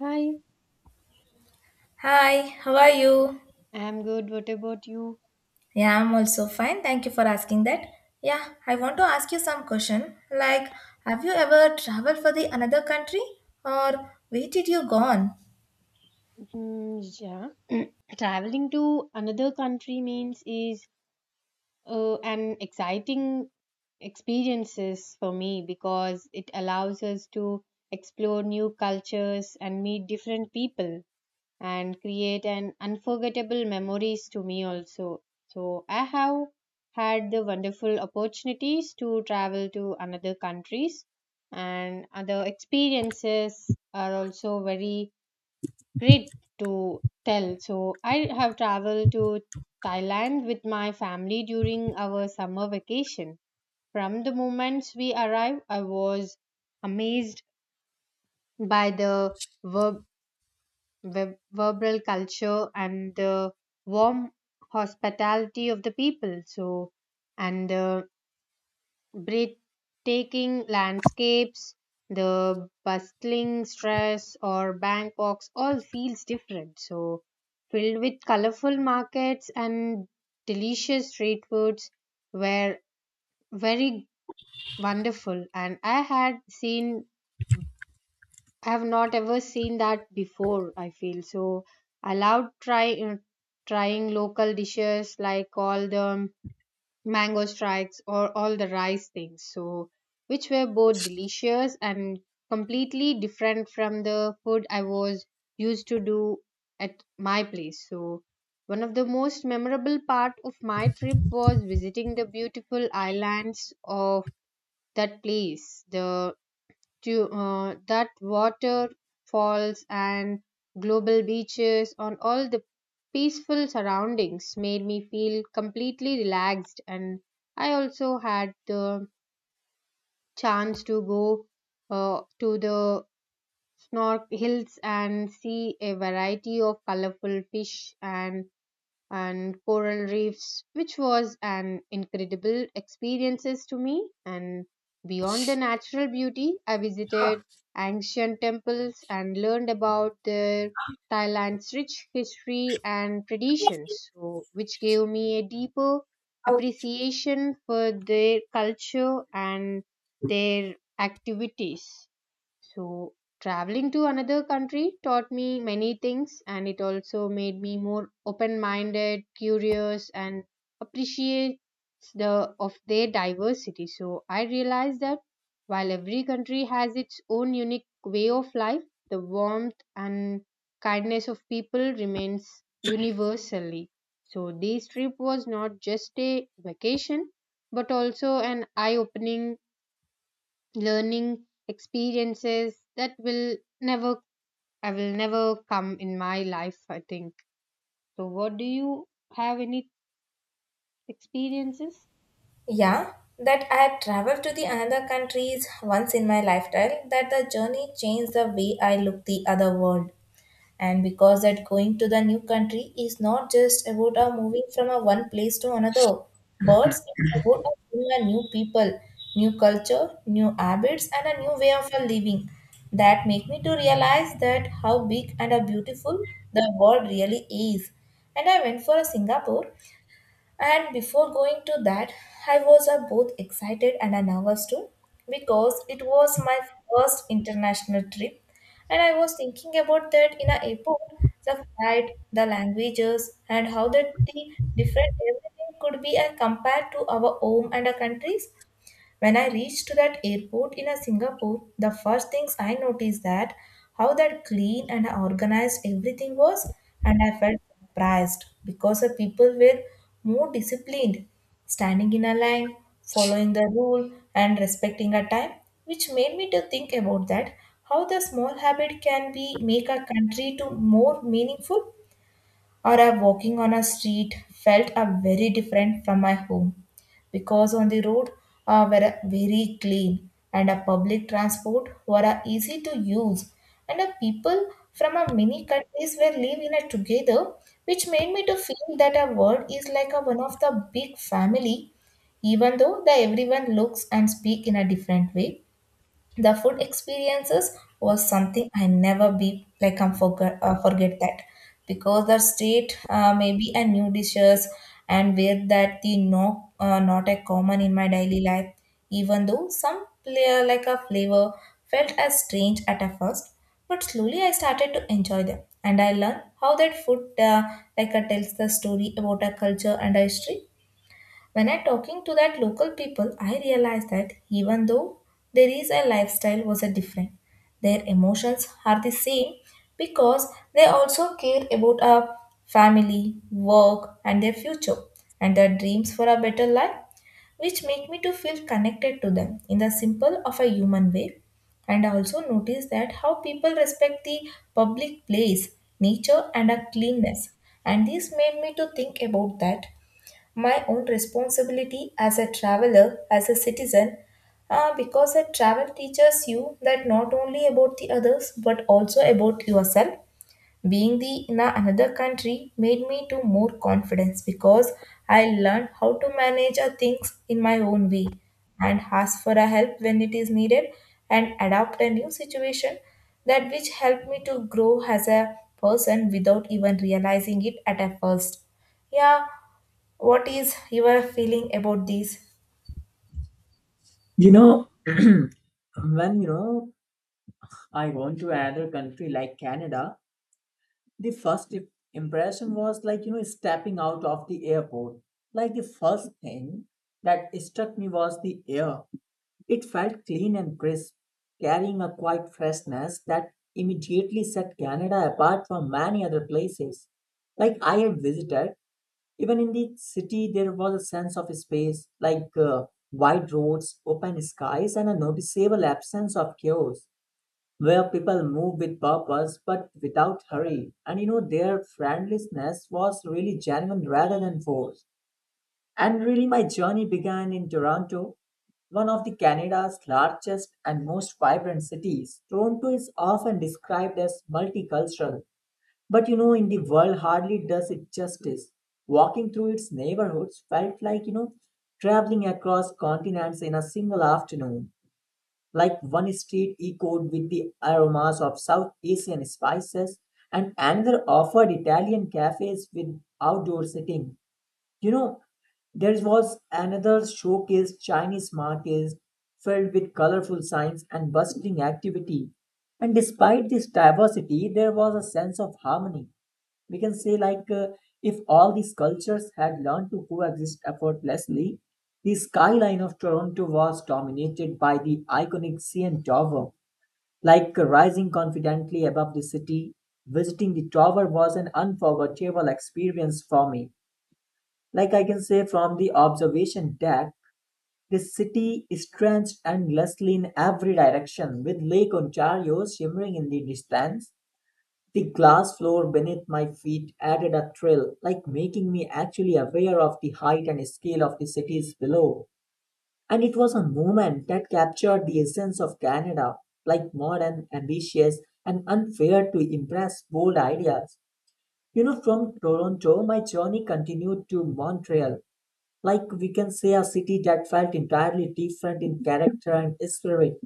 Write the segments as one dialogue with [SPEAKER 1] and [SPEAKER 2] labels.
[SPEAKER 1] Hi,
[SPEAKER 2] Hi, how are you?
[SPEAKER 1] I'm good. What about you?
[SPEAKER 2] Yeah, I'm also fine. Thank you for asking that. Yeah, I want to ask you some question. Like, have you ever traveled for the another country, or where did you gone?
[SPEAKER 1] Hmm, yeah. Traveling to another country means is an exciting experiences for me, because it allows us to explore new cultures and meet different people and create an unforgettable memories to me also. So I have had the wonderful opportunities to travel to another countries, and other experiences are also very great to tell. So, I have traveled to Thailand with my family during our summer vacation. From the moment we arrived, I was amazed by the verb, verbal culture and the warm hospitality of the people. So, and breathtaking landscapes, the bustling stress or Bangkok's all feels different. So filled with colorful markets and delicious street foods were very wonderful, and I had seen, I have not ever seen that before. I feel so I loved trying local dishes like all the mango strikes or all the rice things, so which were both delicious and completely different from the food I was used to do at my place. So one of the most memorable part of my trip was visiting the beautiful islands of that place, the to that waterfalls and global beaches on all the peaceful surroundings made me feel completely relaxed. And I also had the chance to go to the snork hills and see a variety of colorful fish and coral reefs, which was an incredible experiences to me. And beyond the natural beauty, I visited ancient temples and learned about their Thailand's rich history and traditions, so, which gave me a deeper appreciation for their culture and their activities. So, traveling to another country taught me many things, and it also made me more open minded, curious, and appreciate the of their diversity. So, I realized that while every country has its own unique way of life, the warmth and kindness of people remains universally. So, this trip was not just a vacation but also an eye opening learning experiences that will never, I will never come in my life I think. So what do you have any experiences?
[SPEAKER 2] Yeah, that I have traveled to the another countries once in my lifetime, that the journey changed the way I look the other world. And because that going to the new country is not just about a moving from a one place to another, but it's about a seeing a new people, new culture, new habits, and a new way of a living. That make me to realize that how big and a beautiful the world really is. And I went for a Singapore, and before going to that, I was both excited and nervous too, because it was my first international trip, and I was thinking about that in a airport, the flight, the languages, and how that the different everything could be compared to our home and our countries. When I reached to that airport in a Singapore, the first things I noticed that how that clean and organized everything was, and I felt surprised because the people were more disciplined, standing in a line, following the rule, and respecting a time, which made me to think about that how the small habit can be make a country to more meaningful, or a walking on a street felt a very different from my home because on the road were a very clean and a public transport were easy to use, and the people from a many countries were living together, which made me to feel that a world is like a one of the big family even though the everyone looks and speak in a different way. The food experiences was something I never be like I'm forget that, because the street maybe a new dishes and where that the no not a common in my daily life. Even though some player like a flavor felt as strange at a first, but slowly I started to enjoy them, and I learned how that food like tells the story about a culture and a history. When I talking to that local people, I realized that even though there is a lifestyle was a different, their emotions are the same, because they also care about a family, work, and their future and their dreams for a better life, which make me to feel connected to them in the simple of a human way. And I also notice that how people respect the public place, nature, and a cleanness. And this made me to think about that my own responsibility as a traveler, as a citizen, because a travel teaches you that not only about the others but also about yourself. Being the in another country made me to more confidence, because I learned how to manage a things in my own way, and ask for a help when it is needed, and adapt a new situation, that which helped me to grow as a person without even realizing it at a first. Yeah, what is your feeling about this?
[SPEAKER 3] You know, when I went to another country like Canada, the first impression was like stepping out of the airport. Like the first thing that struck me was the air. It felt clean and crisp, carrying a quiet freshness that immediately set Canada apart from many other places like I had visited. Even in the city, there was a sense of space, like wide roads, open skies, and a noticeable absence of chaos, where people move with purpose but without hurry. And their friendliness was really genuine rather than forced. And really, my journey began in Toronto, one of the Canada's largest and most vibrant cities. Toronto is often described as multicultural but in the world, hardly does it justice. Walking through its neighborhoods felt like traveling across continents in a single afternoon. Like one street echoed with the aromas of South Asian spices, and another offered Italian cafes with outdoor sitting. You know, there was another showcase Chinese markets filled with colorful signs and bustling activity. And despite this diversity, there was a sense of harmony. We can say, like if all these cultures had learned to coexist effortlessly, the skyline of Toronto was dominated by the iconic CN Tower, rising confidently above the city. Visiting the tower was an unforgettable experience for me, like I can say, from the observation deck, the city stretched endlessly in every direction, with Lake Ontario shimmering in the distance. The glass floor beneath my feet added a thrill, like making me actually aware of the height and scale of the cities below. And it was a moment that captured the essence of Canada, like modern, ambitious, and unfair to impress bold ideas. From Toronto, my journey continued to Montreal, like we can say, a city that felt entirely different in character and spirit.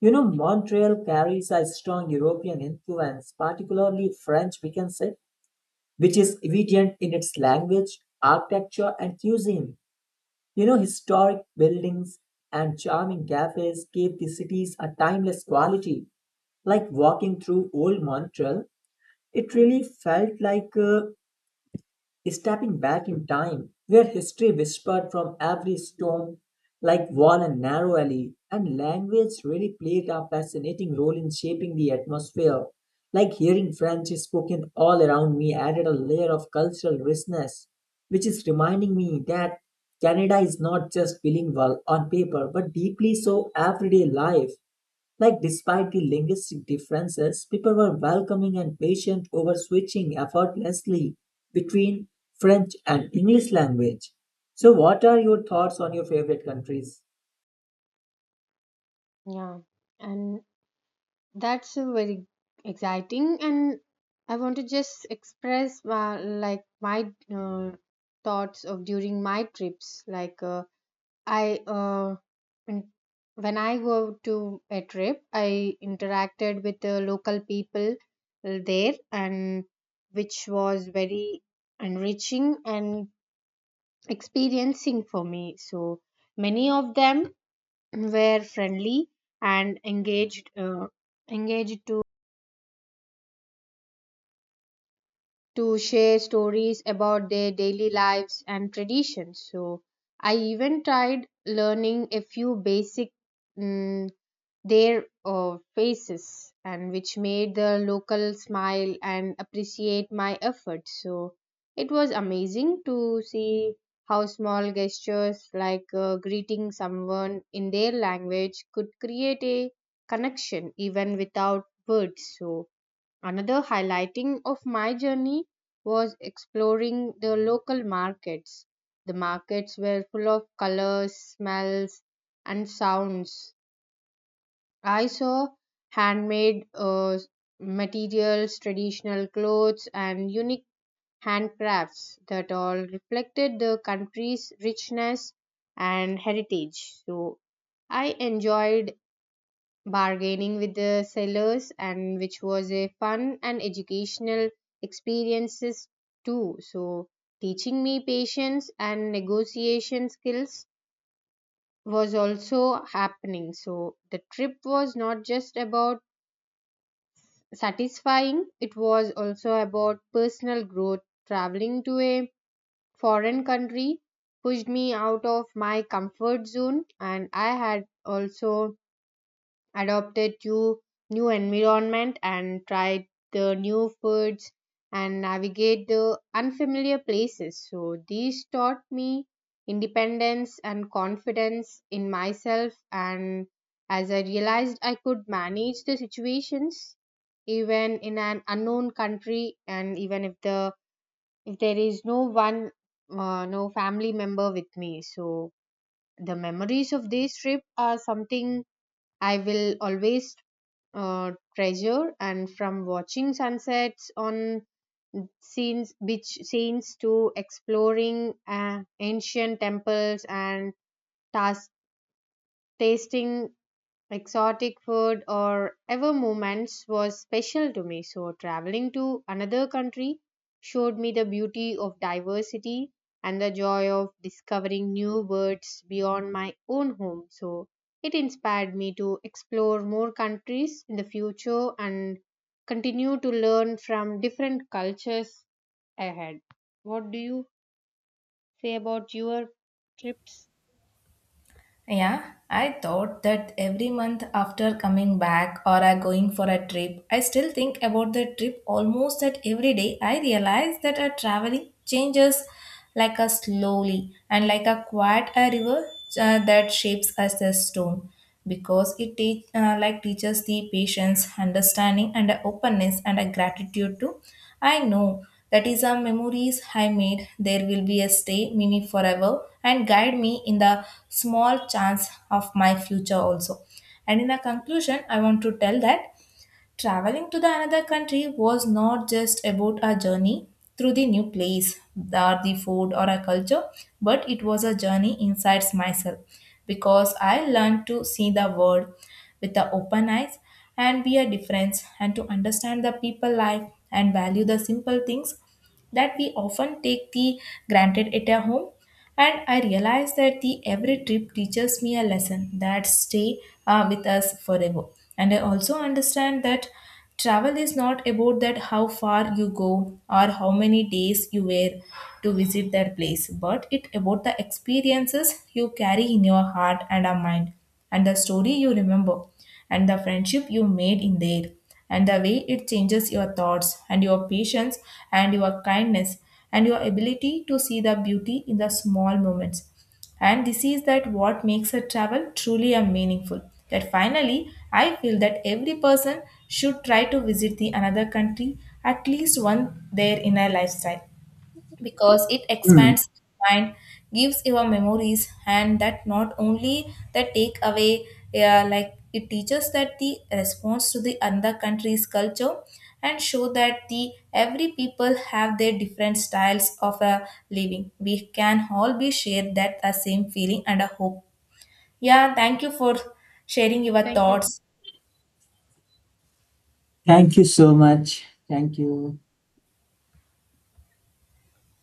[SPEAKER 3] Montreal carries a strong European influence, particularly French, we can say, which is evident in its language, architecture, and cuisine. Historic buildings and charming cafes give the cities a timeless quality. Like walking through old Montreal, it really felt like stepping back in time, where history whispered from every stone like wall and narrow alley. And language really played a fascinating role in shaping the atmosphere, like hearing french spoken all around me added a layer of cultural richness, which is reminding me that canada is not just bilingual on paper but deeply so everyday life. Like, despite the linguistic differences, people were welcoming and patient, over switching effortlessly between French and English language. So, what are your thoughts on your favorite countries?
[SPEAKER 1] Yeah, and that's a very exciting, and I want to just express like my uh, thoughts of during my trips, like I when I go to a trip, I interacted with the local people there, and which was very enriching and experiencing for me. So many of them were friendly and engaged to share stories about their daily lives and traditions. So I even tried learning a few basic mm their faces, and which made the local smile and appreciate my efforts. So it was amazing to see how small gestures, like greeting someone in their language, could create a connection even without words. So another highlighting of my journey was exploring the local markets. The markets were full of colors, smells, and sounds. I saw handmade materials, traditional clothes, and unique handcrafts that all reflected the country's richness and heritage. So I enjoyed bargaining with the sellers, and which was a fun and educational experiences too. So teaching me patience and negotiation skills was also happening. So the trip was not just about satisfying. It was also about personal growth. Traveling to a foreign country pushed me out of my comfort zone, and I had also adopted to new environment and tried the new foods and navigate the unfamiliar places. So these taught me independence and confidence in myself, and as I realized I could manage the situations even in an unknown country, and even if the, if there is no one, no family member with me. So the memories of this trip are something I will always treasure. And from watching sunsets on scenes beach scenes to exploring ancient temples and tas- tasting exotic food, or ever moments was special to me. So, traveling to another country showed me the beauty of diversity and the joy of discovering new worlds beyond my own home. So, it inspired me to explore more countries in the future and continue to learn from different cultures ahead. What do you say about your trips?
[SPEAKER 2] Yeah, I thought that every month after coming back or I going for a trip, I still think about the trip almost that every day. I realize that our traveling changes like a slowly and like a quiet a river, that shapes us a stone, because it teaches the patience, understanding, and a openness and a gratitude too. I know that is a memories I made. There will be a stay mimi forever and guide me in the small chance of my future also. And in the conclusion, I want to tell that traveling to the another country was not just about a journey through the new place or the food or a culture, but it was a journey inside myself, because I learned to see the world with the open eyes and be a difference, and to understand the people life and value the simple things that we often take the granted at our home. And I realize that the every trip teaches me a lesson that stay with us forever. And I also understand that travel is not about that how far you go or how many days you were to visit that place, but it about the experiences you carry in your heart and our mind, and the story you remember, and the friendship you made in there, and the way it changes your thoughts and your patience and your kindness and your ability to see the beauty in the small moments. And this is that what makes a travel truly a meaningful. That finally, I feel that every person should try to visit the another country at least one there in a lifestyle, because it
[SPEAKER 3] Hmm.
[SPEAKER 2] expands your mind, gives your memories, and that not only that take away. Yeah, like it teaches that the response to the other country's culture and show that the every people have their different styles of a living, we can all be share that the same feeling and a hope. Yeah, thank you for sharing your
[SPEAKER 1] Thank you.
[SPEAKER 2] thoughts.
[SPEAKER 3] Thank you so much. Thank you.